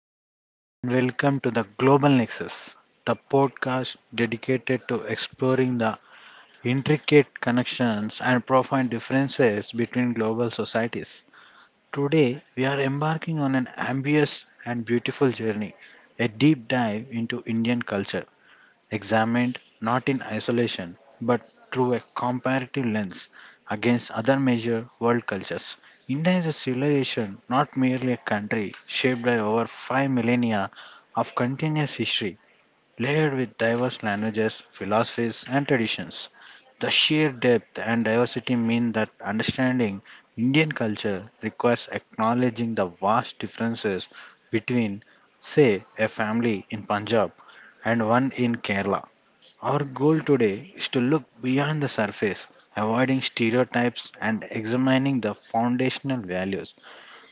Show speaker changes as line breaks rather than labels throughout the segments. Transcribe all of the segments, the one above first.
Hello and welcome to the Global Nexus, the podcast dedicated to exploring the intricate connections and profound differences between global societies. Today, we are embarking on an ambitious and beautiful journey, a deep dive into Indian culture examined not in isolation but through a comparative lens against other major world cultures. India is a civilization, not merely a country, shaped by over five millennia of continuous history, layered with diverse languages, philosophies, and traditions. The sheer depth and diversity mean that understanding Indian culture requires acknowledging the vast differences between, say, a family in Punjab and one in Kerala. Our goal today is to look beyond the surface, avoiding stereotypes and examining the foundational values,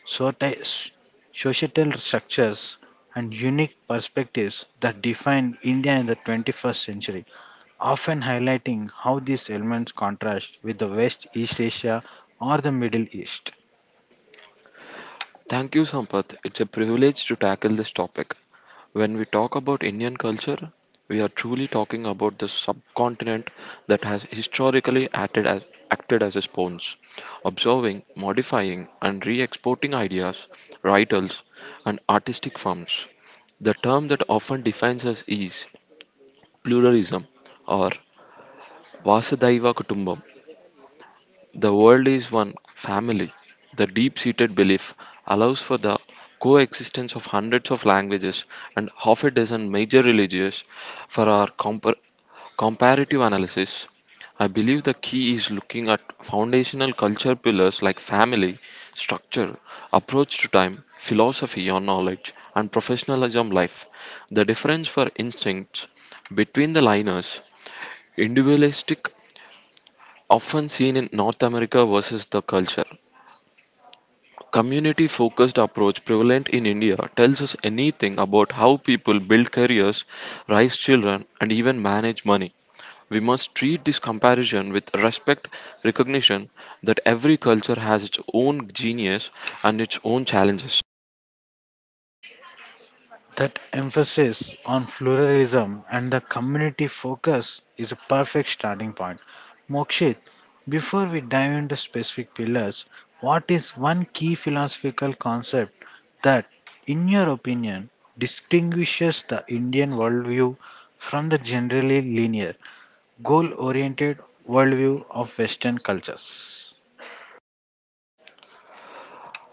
soci- societal structures, and unique perspectives that define India in the 21st century, often highlighting how these elements contrast with the West East Asia or the Middle East.
Thank you, Sampath. It's a privilege to tackle this topic. When we talk about Indian culture, we are truly talking about the subcontinent that has historically acted as a sponge, absorbing, modifying, and re exporting ideas, writers, and artistic forms. The term that often defines us is pluralism or Vasudhaiva Kutumbam, the world is one family. The deep seated belief allows for the coexistence of hundreds of languages and half a dozen major religions for our comparative analysis. I believe the key is looking at foundational culture pillars like family, structure, approach to time, philosophy on knowledge, and professionalism life. The difference for instincts between the liners, individualistic often seen in North America versus the culture. Community focused approach prevalent in India tells us anything about how people build careers, raise children, and even manage money. We must treat this comparison with respect, recognition that every culture has its own genius and its own challenges.
That emphasis on pluralism and the community focus is a perfect starting point. Mokshit, before we dive into specific pillars, what is one key philosophical concept that, in your opinion, distinguishes the Indian worldview from the generally linear, goal oriented worldview of Western cultures?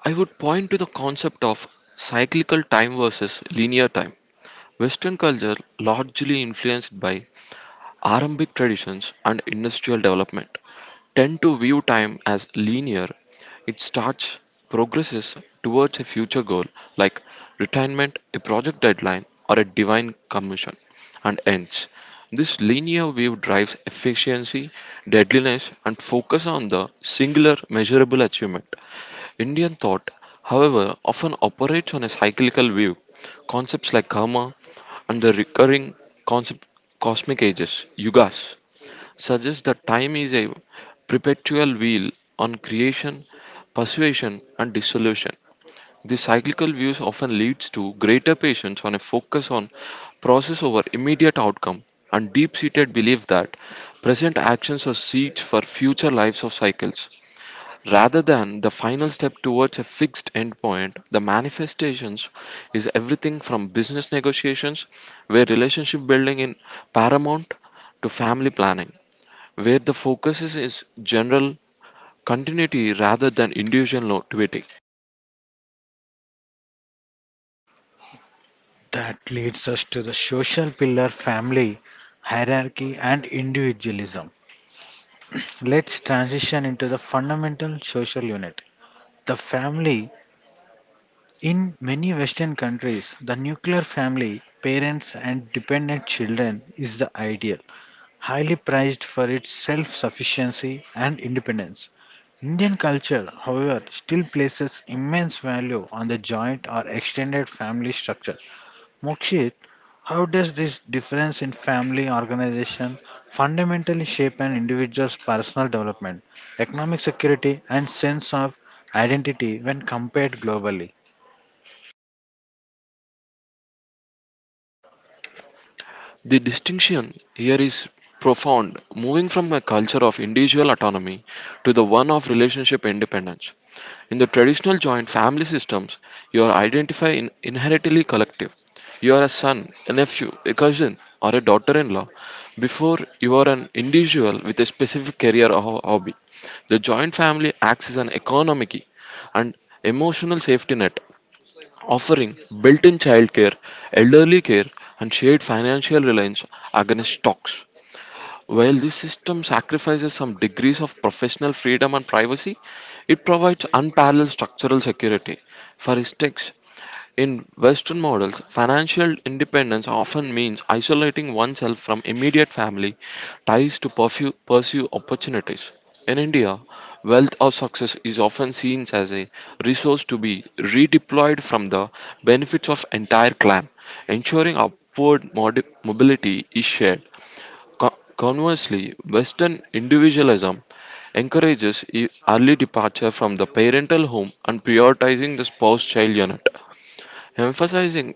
I would point to the concept of cyclical time versus linear time. Western culture largely influenced by Arambic traditions and industrial development tend to view time as linear. It starts, progresses towards a future goal like retirement, a project deadline, or a divine commission, and ends. This linear view drives efficiency, deadliness, and focus on the singular measurable achievement. Indian thought, however, often operates on a cyclical view. Concepts like karma and the recurring concept cosmic ages, yugas, suggests that time is a perpetual wheel on creation, persuasion, and dissolution. The cyclical views often leads to greater patience on a focus on process over immediate outcome and deep-seated belief that present actions are seeds for future lives of cycles. Rather than the final step towards a fixed endpoint, the manifestations is everything from business negotiations, where relationship building in paramount, to family planning where the focus is general continuity rather than individual no-
That leads us to the social pillar family, hierarchy, and individualism. Let's transition into the fundamental social unit, the family. In many Western countries, the nuclear family, parents and dependent children, is the ideal, highly prized for its self sufficiency and independence. Indian culture, however, still places immense value on the joint or extended family structure. Mokshit, how does this difference in family organization fundamentally shape an individual's personal development, economic security, and sense of identity when compared globally?
The distinction here is profound, moving from a culture of individual autonomy to the one of relationship independence. In the traditional joint family systems, your identify in inherently collective. You are a son, a nephew, a cousin, or a daughter in law before you are an individual with a specific career or hobby. The joint family acts as an economic and emotional safety net offering built in childcare, elderly care, and shared financial reliance against stocks. While this system sacrifices some degrees of professional freedom and privacy, it provides unparalleled structural security. For instance, in Western models, financial independence often means isolating oneself from immediate family ties to pursue opportunities. In India, wealth or success is often seen as a resource to be redeployed from the benefits of entire clan, ensuring upward mobility is shared. Conversely, Western individualism encourages early departure from the parental home and prioritizing the spouse-child unit emphasizing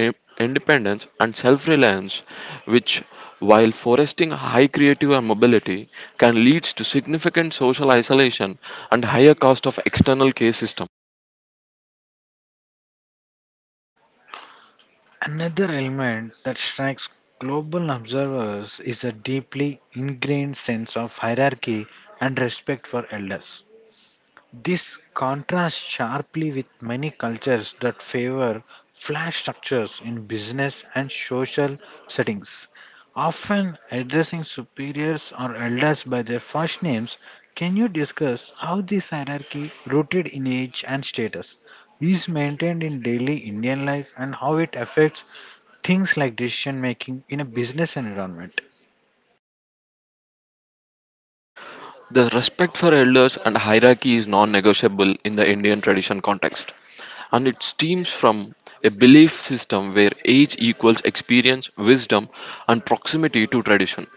i- independence and self reliance, which, while foresting high creative and mobility, can lead to significant social isolation and higher cost of external care system.
Another element that strikes global observers is a deeply ingrained sense of hierarchy and respect for elders. This contrasts sharply with many cultures that favor flat structures in business and social settings. Often addressing superiors or elders by their first names, can you discuss how this hierarchy, rooted in age and status, is maintained in daily Indian life and how it affects things like decision making in a business environment?
The respect for elders and hierarchy is non negotiable in the Indian tradition context, and it stems from a belief system where age equals experience, wisdom, and proximity to tradition.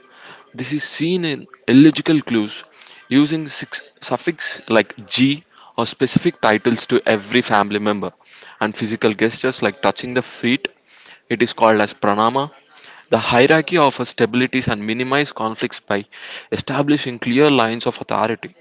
This is seen in illegible clues using six suffix like G or specific titles to every family member and physical gestures like touching the feet. It is called as pranama. The hierarchy offers stabilities and minimize conflicts by establishing clear lines of authority.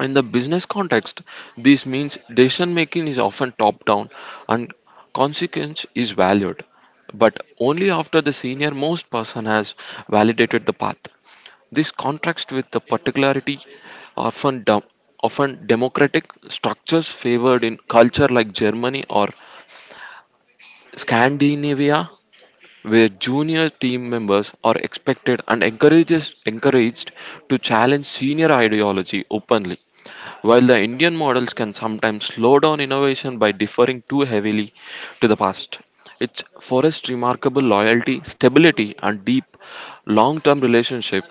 In the business context, this means decision making is often top down and consequence is valued, but only after the senior most person has validated the path. This contrasts with the particularity often dom- often democratic structures favored in culture like Germany or Scandinavia, where junior team members are expected and encouraged to challenge senior ideology openly. While the Indian models can sometimes slow down innovation by deferring too heavily to the past, it forests remarkable loyalty, stability, and deep long term relationship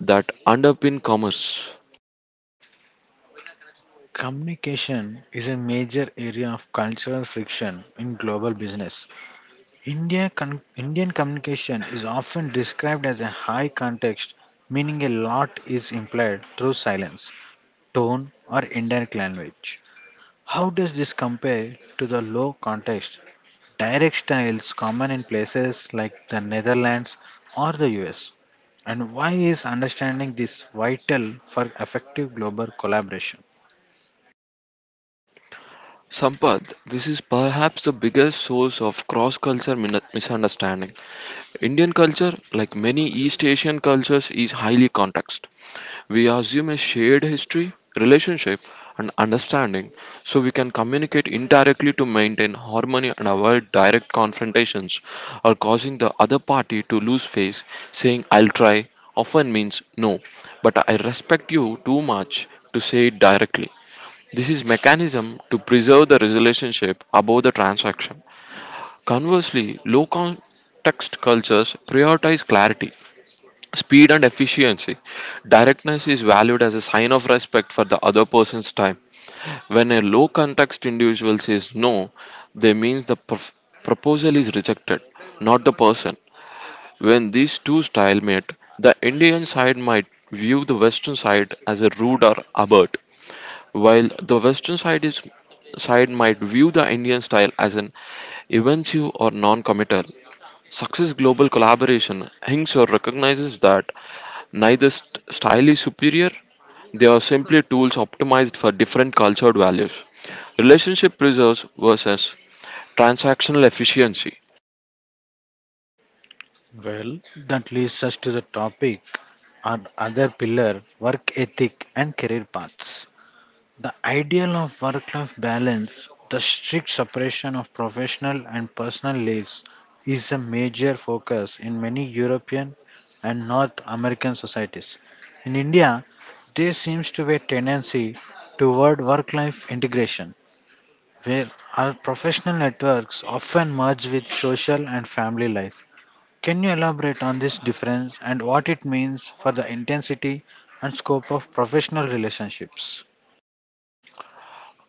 that underpin commerce.
Communication is a major area of cultural friction in global business. Indian communication is often described as a high context, meaning a lot is implied through silence, tone, or indirect language. How does this compare to the low context, direct styles common in places like the Netherlands or the US? And why is understanding this vital for effective global collaboration?
Sampath, this is perhaps the biggest source of cross culture misunderstanding. Indian culture, like many East Asian cultures, is highly context. We assume a shared history, relationship, and understanding so we can communicate indirectly to maintain harmony and avoid direct confrontations or causing the other party to lose face. Saying, I'll try, often means no, but I respect you too much to say it directly. This is mechanism to preserve the relationship above the transaction. Conversely, low context cultures prioritize clarity, speed and efficiency. Directness is valued as a sign of respect for the other person's time. When a low context individual says no, they means the proposal is rejected, not the person. When these two styles meet, the Indian side might view the Western side as a rude or abert, while the western side is side might view the Indian style as an evasive or non-committal, Success Global Collaboration Hingsor recognizes that neither style is superior; they are simply tools optimized for different cultured values. Relationship preserves versus transactional efficiency.
Well, that leads us to the topic and other pillar work ethic and career paths. The ideal of work life balance, the strict separation of professional and personal lives, is a major focus in many European and North American societies. In India, there seems to be a tendency toward work life integration, where our professional networks often merge with social and family life. Can you elaborate on this difference and what it means for the intensity and scope of professional relationships?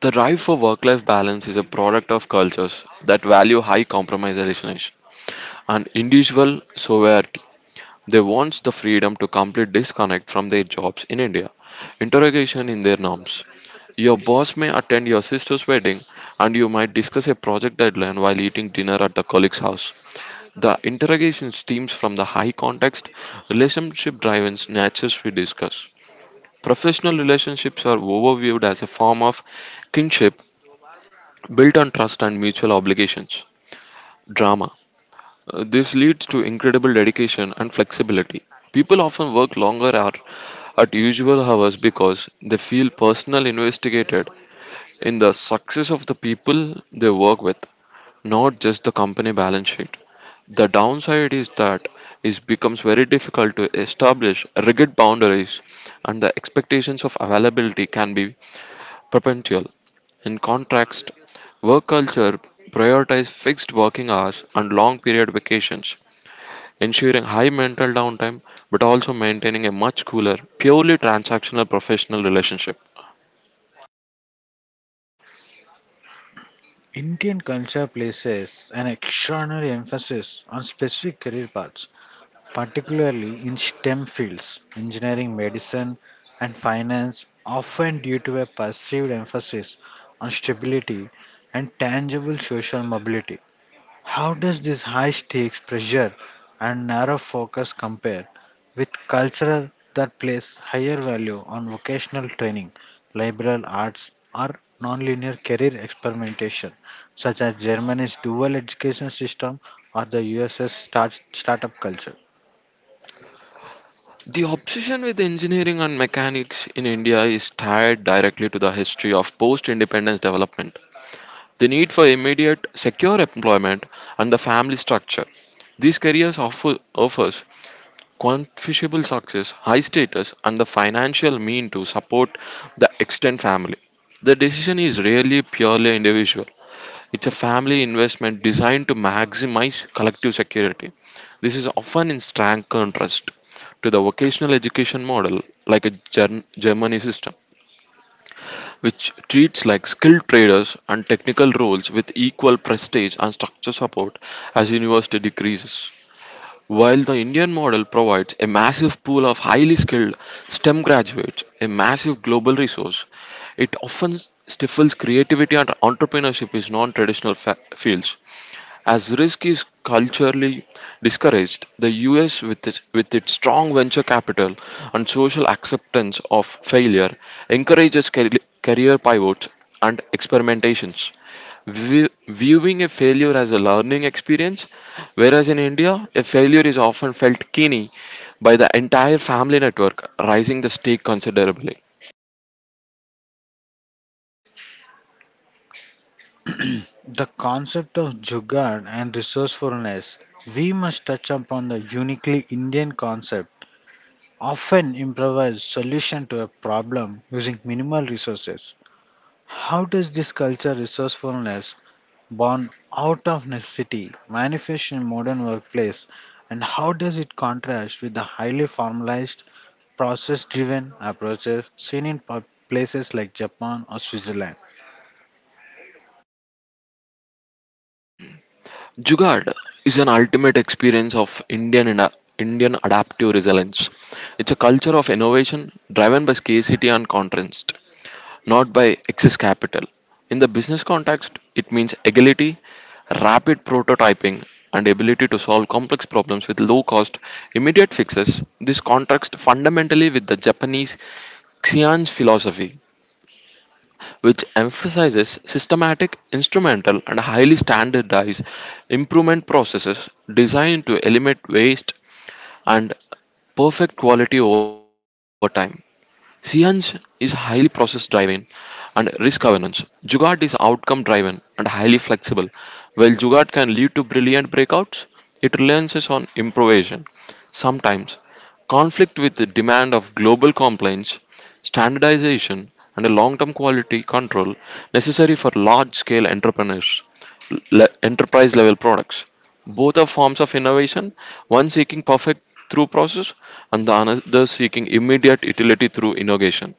The drive for work-life balance is a product of cultures that value high compromise relationship and individual sovereignty. They want the freedom to complete disconnect from their jobs in India. Interrogation in their norms. Your boss may attend your sister's wedding and you might discuss a project deadline while eating dinner at the colleague's house. The interrogation stems from the high context, relationship driven natures we discuss. Professional relationships are overviewed as a form of kinship built on trust and mutual obligations. Drama. This leads to incredible dedication and flexibility. People often work longer hour at usual hours because they feel personally investigated in the success of the people they work with, not just the company balance sheet. The downside is that it becomes very difficult to establish rigid boundaries and the expectations of availability can be perpetual. In contrast, work culture prioritizes fixed working hours and long period vacations ensuring high mental downtime but also maintaining a much cooler, purely transactional professional relationship.
Indian culture places an extraordinary emphasis on specific career paths, particularly in STEM fields, engineering, medicine, and finance, often due to a perceived emphasis on stability and tangible social mobility. How does this high stakes pressure and narrow focus compare with culture that place higher value on vocational training, liberal arts, or nonlinear career experimentation, such as Germany's dual education system or the US's startup culture?
The obsession with engineering and mechanics in India is tied directly to the history of post independence development, the need for immediate, secure employment, and the family structure. These careers offers quantifiable success, high status, and the financial mean to support the extended family. The decision is rarely purely individual. It's a family investment designed to maximize collective security. This is often in strong contrast to the vocational education model, like a Germany system, which treats like skilled traders and technical roles with equal prestige and structure support as university decreases. While the Indian model provides a massive pool of highly skilled STEM graduates, a massive global resource, it often stifles creativity and entrepreneurship in non traditional fields. As risk is culturally discouraged, the US, with its strong venture capital and social acceptance of failure, encourages career pivots and experimentations, viewing a failure as a learning experience. Whereas in India, a failure is often felt keenly by the entire family network, raising the stake considerably.
The concept of jugaad and resourcefulness, we must touch upon the uniquely Indian concept, often improvised solution to a problem using minimal resources. How does this culture resourcefulness born out of necessity manifest in modern workplace and how does it contrast with the highly formalized process driven approaches seen in places like Japan or Switzerland?
Jugaad is an ultimate experience of Indian adaptive resilience. It's a culture of innovation driven by scarcity and contrast, not by excess capital. In the business context, it means agility, rapid prototyping, and ability to solve complex problems with low cost, immediate fixes. This contrasts fundamentally with the Japanese Xian's philosophy, which emphasizes systematic, instrumental, and highly standardized improvement processes designed to eliminate waste and perfect quality over time. Sihan's is highly process driven and risk awareness. Jugaad is outcome driven and highly flexible. While Jugaad can lead to brilliant breakouts, it relies on improvisation. Sometimes, conflict with the demand of global compliance standardization, and a long term quality control necessary for large scale entrepreneurs, enterprise level products. Both are forms of innovation, one seeking perfect through process and the another seeking immediate utility through innovation.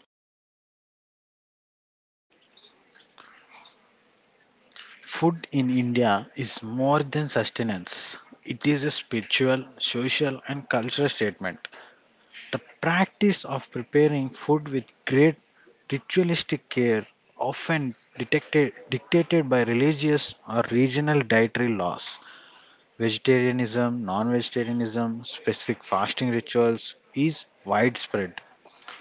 Food in India is more than sustenance. It is a spiritual, social and cultural statement. The practice of preparing food with great ritualistic care, often detected, dictated by religious or regional dietary laws, vegetarianism, non vegetarianism, specific fasting rituals, is widespread.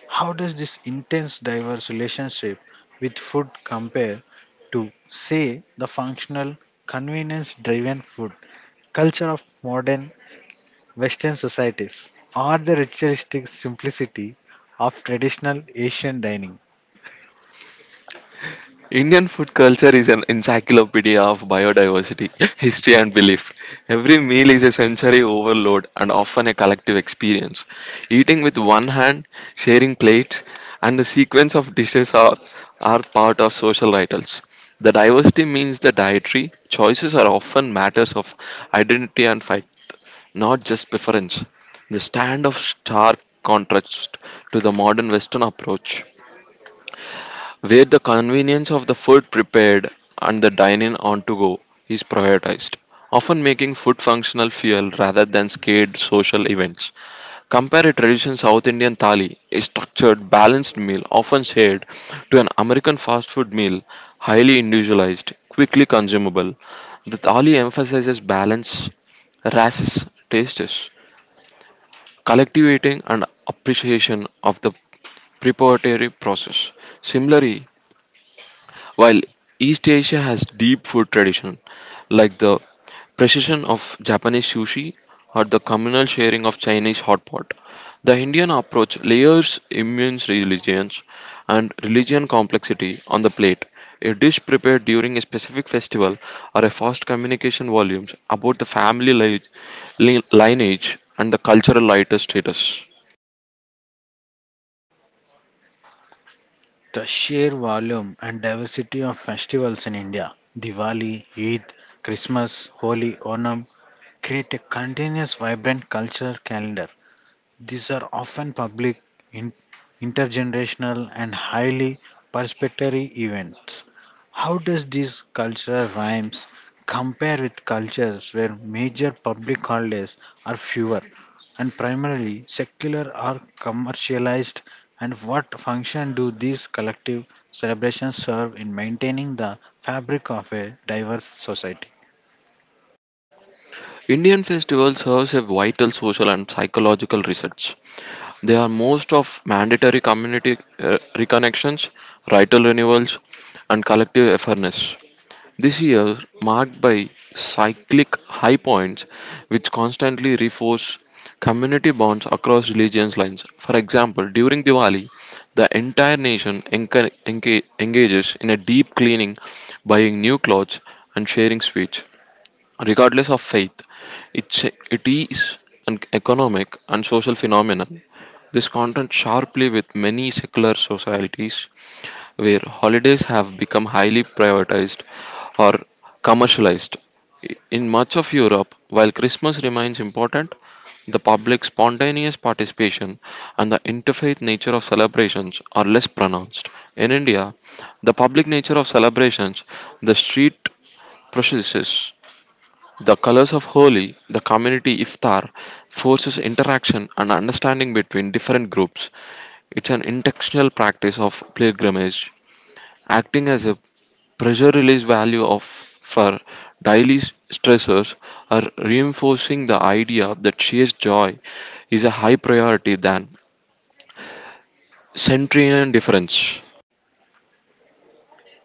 How does this intense, diverse relationship with food compare to, say, the functional, convenience driven food culture of modern Western societies or the ritualistic simplicity of traditional Asian dining?
Indian food culture is an encyclopedia of biodiversity, history, and belief. Every meal is a sensory overload and often a collective experience. Eating with one hand, sharing plates, and the sequence of dishes are part of social rituals. The diversity means the dietary choices are often matters of identity and faith, not just preference. The stand of stark contrast to the modern Western approach where the convenience of the food prepared and the dining on to go is prioritized, often making food functional fuel rather than scared social events. Compare a traditional South Indian thali, a structured, balanced meal often shared, to an American fast food meal, highly individualized, quickly consumable. The thali emphasizes balance, races, tastes, collectivating, and appreciation of the preparatory process. Similarly, while East Asia has deep food tradition, like the precision of Japanese sushi or the communal sharing of Chinese hot pot, the Indian approach layers immense religions and religion complexity on the plate. A dish prepared during a specific festival or a fast communication volumes about the family lineage and the cultural lighter status.
The sheer volume and diversity of festivals in India, Diwali, Eid, Christmas, Holi, Onam, create a continuous, vibrant cultural calendar. These are often public, in, intergenerational, and highly participatory events. How does these cultural rhymes compare with cultures where major public holidays are fewer and primarily secular or commercialized? And what function do these collective celebrations serve in maintaining the fabric of a diverse society?
Indian festivals serves a vital social and psychological research. They are most of mandatory community reconnections, rital renewals, and collective awareness. This year, marked by cyclic high points, which constantly reinforce community bonds across religious lines. For example, during Diwali, the entire nation engages in a deep cleaning, buying new clothes, and sharing sweets. Regardless of faith, it is an economic and social phenomenon. This contrasts sharply with many secular societies where holidays have become highly prioritized or commercialized. In much of Europe, while Christmas remains important, the public's spontaneous participation and the interfaith nature of celebrations are less pronounced. In India, the public nature of celebrations, the street processes, the colors of Holi, the community iftar, forces interaction and understanding between different groups. It's an intentional practice of pilgrimage, acting as a pressure release value of for daily stressors are reinforcing the idea that shared joy is a high priority than century and difference.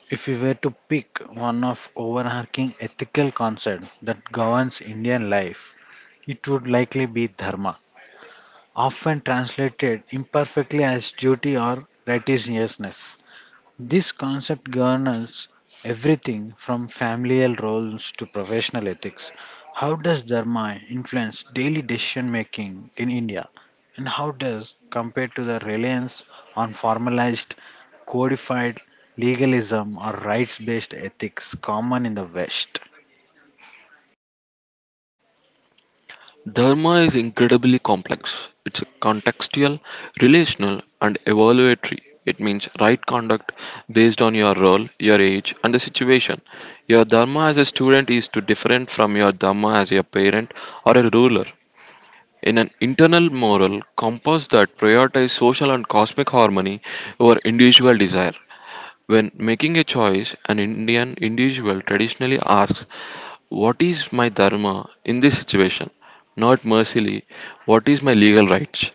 If we were to pick one of overarching ethical concepts that governs Indian life, it would likely be dharma, often translated imperfectly as duty or righteousness. This concept governs everything from familial roles to professional ethics. How does dharma influence daily decision making in India? And how does compared to the reliance on formalized, codified legalism or rights based ethics common in the West?
Dharma is incredibly complex. It's contextual, relational, and evaluatory. It means right conduct based on your role, your age, and the situation. Your dharma as a student is too different from your dharma as a parent or a ruler. In an internal moral compass that prioritizes social and cosmic harmony over individual desire, when making a choice, an Indian individual traditionally asks, what is my dharma in this situation? Not mercifully, what is my legal rights?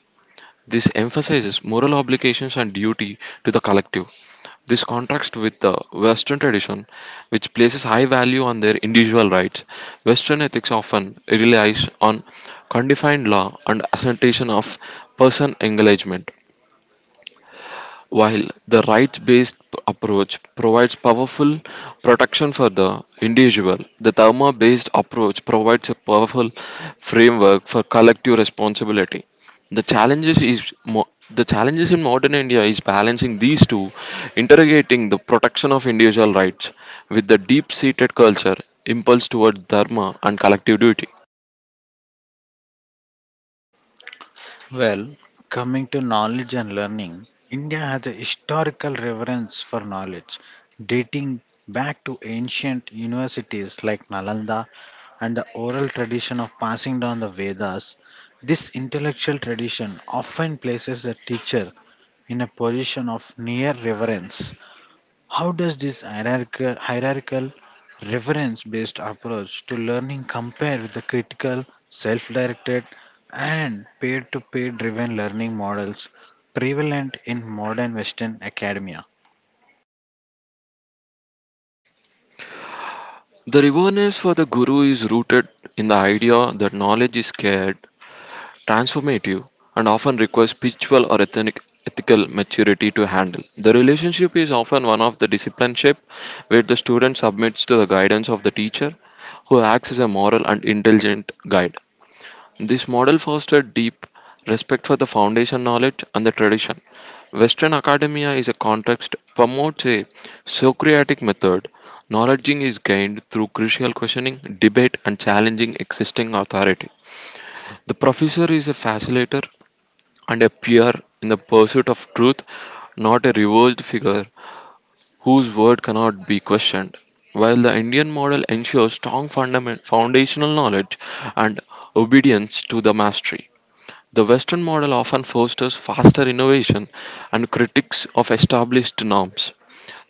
This emphasizes moral obligations and duty to the collective. This contrasts with the Western tradition, which places high value on their individual rights. Western ethics often relies on condefined law and assertion of person engagement. While the rights based approach provides powerful protection for the individual, the dharma based approach provides a powerful framework for collective responsibility. The challenges is mo- the challenges in modern India is balancing these two, interrogating the protection of individual rights with the deep seated culture impulse toward dharma and collective duty.
Well, coming to knowledge and learning, India has a historical reverence for knowledge, dating back to ancient universities like Nalanda and the oral tradition of passing down the Vedas. This intellectual tradition often places the teacher in a position of near reverence. How does this hierarchical reference based approach to learning compare with the critical, self directed, and peer to peer driven learning models prevalent in modern Western academia?
The reverence for the guru is rooted in the idea that knowledge is scarce transformative, and often requires spiritual or ethical maturity to handle. The relationship is often one of the discipleship where the student submits to the guidance of the teacher who acts as a moral and intelligent guide. This model fostered deep respect for the foundation knowledge and the tradition. Western academia is a context promotes a Socratic method. Knowledge is gained through crucial questioning, debate, and challenging existing authority. The professor is a facilitator and appear in the pursuit of truth, not a reversed figure whose word cannot be questioned. While the Indian model ensures strong foundational knowledge and obedience to the mastery, the Western model often fosters faster innovation and critics of established norms.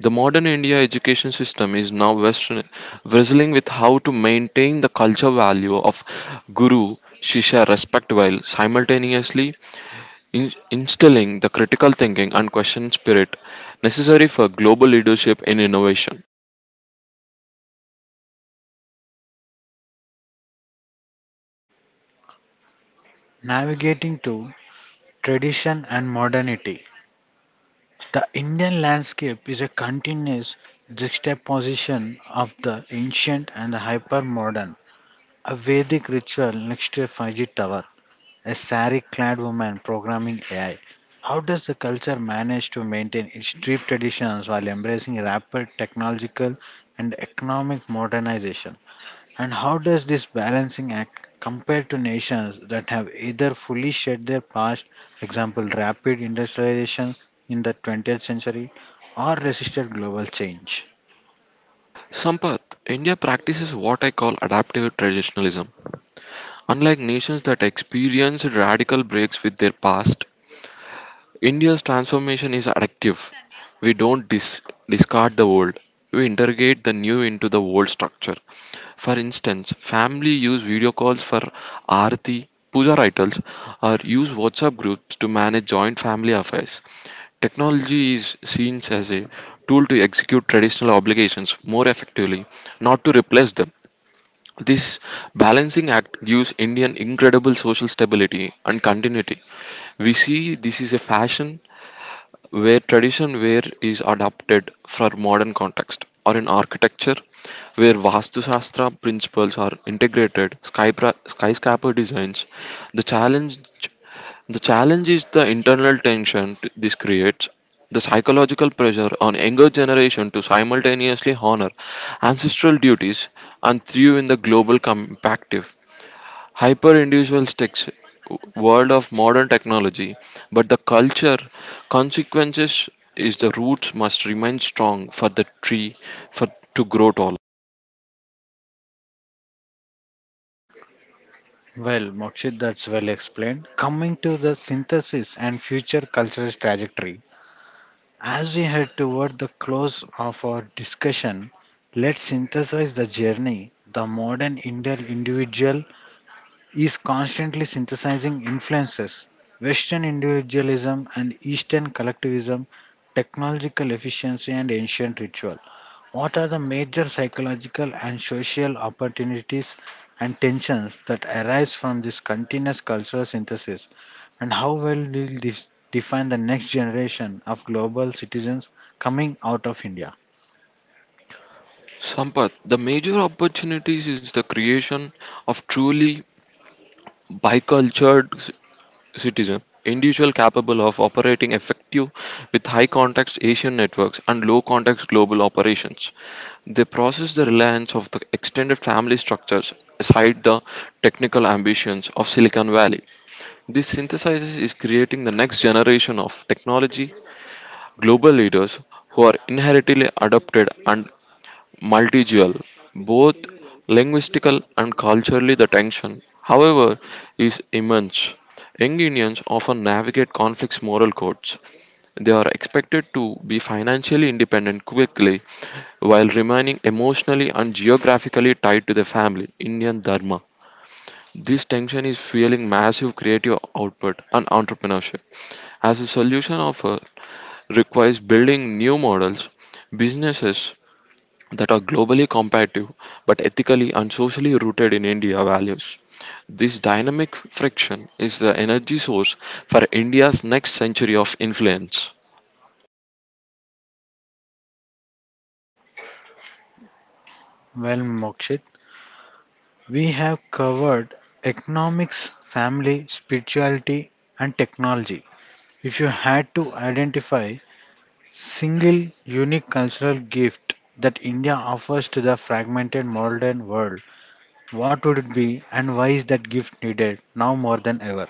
The modern India education system is now Western, wrestling with how to maintain the culture value of guru, shisha respect while simultaneously instilling the critical thinking and question spirit necessary for global leadership in innovation.
Navigating to tradition and modernity. The Indian landscape is a continuous juxtaposition of the ancient and the hypermodern. A Vedic ritual next to a Fiji tower, a sari clad woman programming AI. How does the culture manage to maintain its deep traditions while embracing rapid technological and economic modernization? And how does this balancing act compare to nations that have either fully shed their past, example rapid industrialization in the 20th century, or resisted global change?
Sampath, India practices what I call adaptive traditionalism. Unlike nations that experience radical breaks with their past, India's transformation is adaptive. We don't dis- discard the old. We integrate the new into the old structure. For instance, family use video calls for arati, puja rituals, or use WhatsApp groups to manage joint family affairs. Technology is seen as a tool to execute traditional obligations more effectively, not to replace them. This balancing act gives India an incredible social stability and continuity. We see this is a fashion where tradition wear is adapted for modern context, or in architecture where Vastu Shastra principles are integrated, skyscraper designs. The challenge the challenge is the internal tension this creates, the psychological pressure on younger generation to simultaneously honor ancestral duties and thrive in the global compactive, hyper-individualistic world of modern technology. But the culture consequences is the roots must remain strong for the tree for to grow tall.
Well, Mokshit, that's well explained. Coming to the synthesis and future cultural trajectory, as we head toward the close of our discussion, let's synthesize the journey. The modern Indian individual is constantly synthesizing influences, Western individualism and Eastern collectivism, technological efficiency and ancient ritual. What are the major psychological and social opportunities and tensions that arise from this continuous cultural synthesis? And how well will this define the next generation of global citizens coming out of India?
Sampath, the major opportunities is the creation of truly bicultured citizen, individual capable of operating effective with high context Asian networks and low context global operations. They process the reliance of the extended family structures aside the technical ambitions of Silicon Valley. This synthesizes is creating the next generation of technology global leaders who are inherently adapted and multilingual, both linguistically and culturally, the tension, however, is immense. Young Indians often navigate conflicts moral codes. They are expected to be financially independent quickly while remaining emotionally and geographically tied to their family, Indian Dharma. This tension is fueling massive creative output and entrepreneurship. As a solution offer requires building new models, businesses that are globally competitive but ethically and socially rooted in India values. This dynamic friction is the energy source for India's next century of influence.
Well, Mokshit. We have covered economics, family, spirituality, and technology. If you had to identify single unique cultural gift that India offers to the fragmented modern world, what would it be and why is that gift needed now more than ever?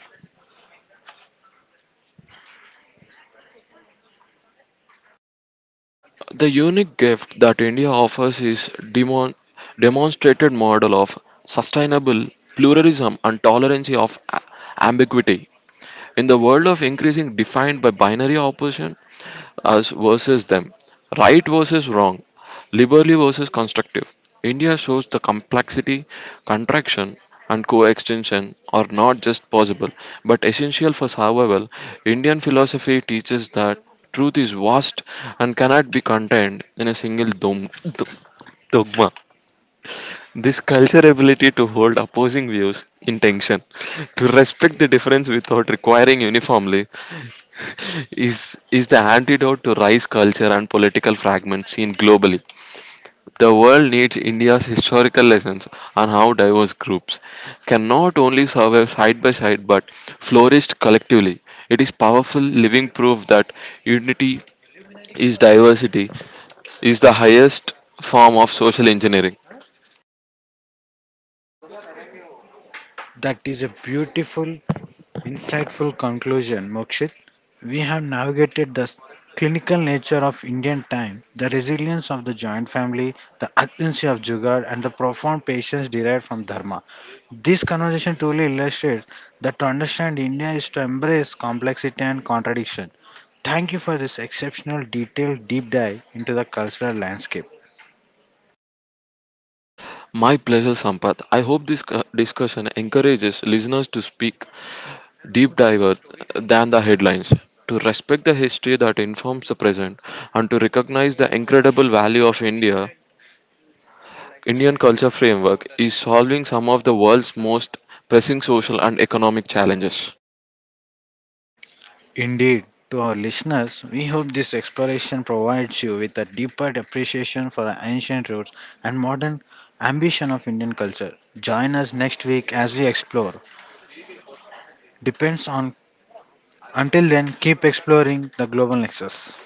The unique gift that India offers is demonstrated model of sustainable pluralism and tolerance of ambiguity. In the world of increasing defined by binary opposition, us versus them, right versus wrong, liberally versus constructive. India shows the complexity, contraction, and coextension are not just possible but essential for survival. Indian philosophy teaches that truth is vast and cannot be contained in a single dogma. This culture ability to hold opposing views in tension, to respect the difference without requiring uniformly, is the antidote to rice culture and political fragments seen globally. The world needs India's historical lessons on how diverse groups can not only survive side by side but flourish collectively. It is powerful living proof that unity is diversity is the highest form of social engineering.
That is a beautiful, insightful conclusion, Mokshit. We have navigated the clinical nature of Indian time, the resilience of the joint family, the urgency of Jugaad, and the profound patience derived from Dharma. This conversation truly illustrates that to understand India is to embrace complexity and contradiction. Thank you for this exceptional, detailed deep dive into the cultural landscape.
My pleasure, Sampath. I hope this discussion encourages listeners to speak deep diver than the headlines, to respect the history that informs the present, and to recognize the incredible value of India. Indian culture framework is solving some of the world's most pressing social and economic challenges.
Indeed, to our listeners, we hope this exploration provides you with a deeper appreciation for our ancient roots and modern ambition of Indian culture. Join us next week as we explore. Depends on until then, keep exploring the global nexus.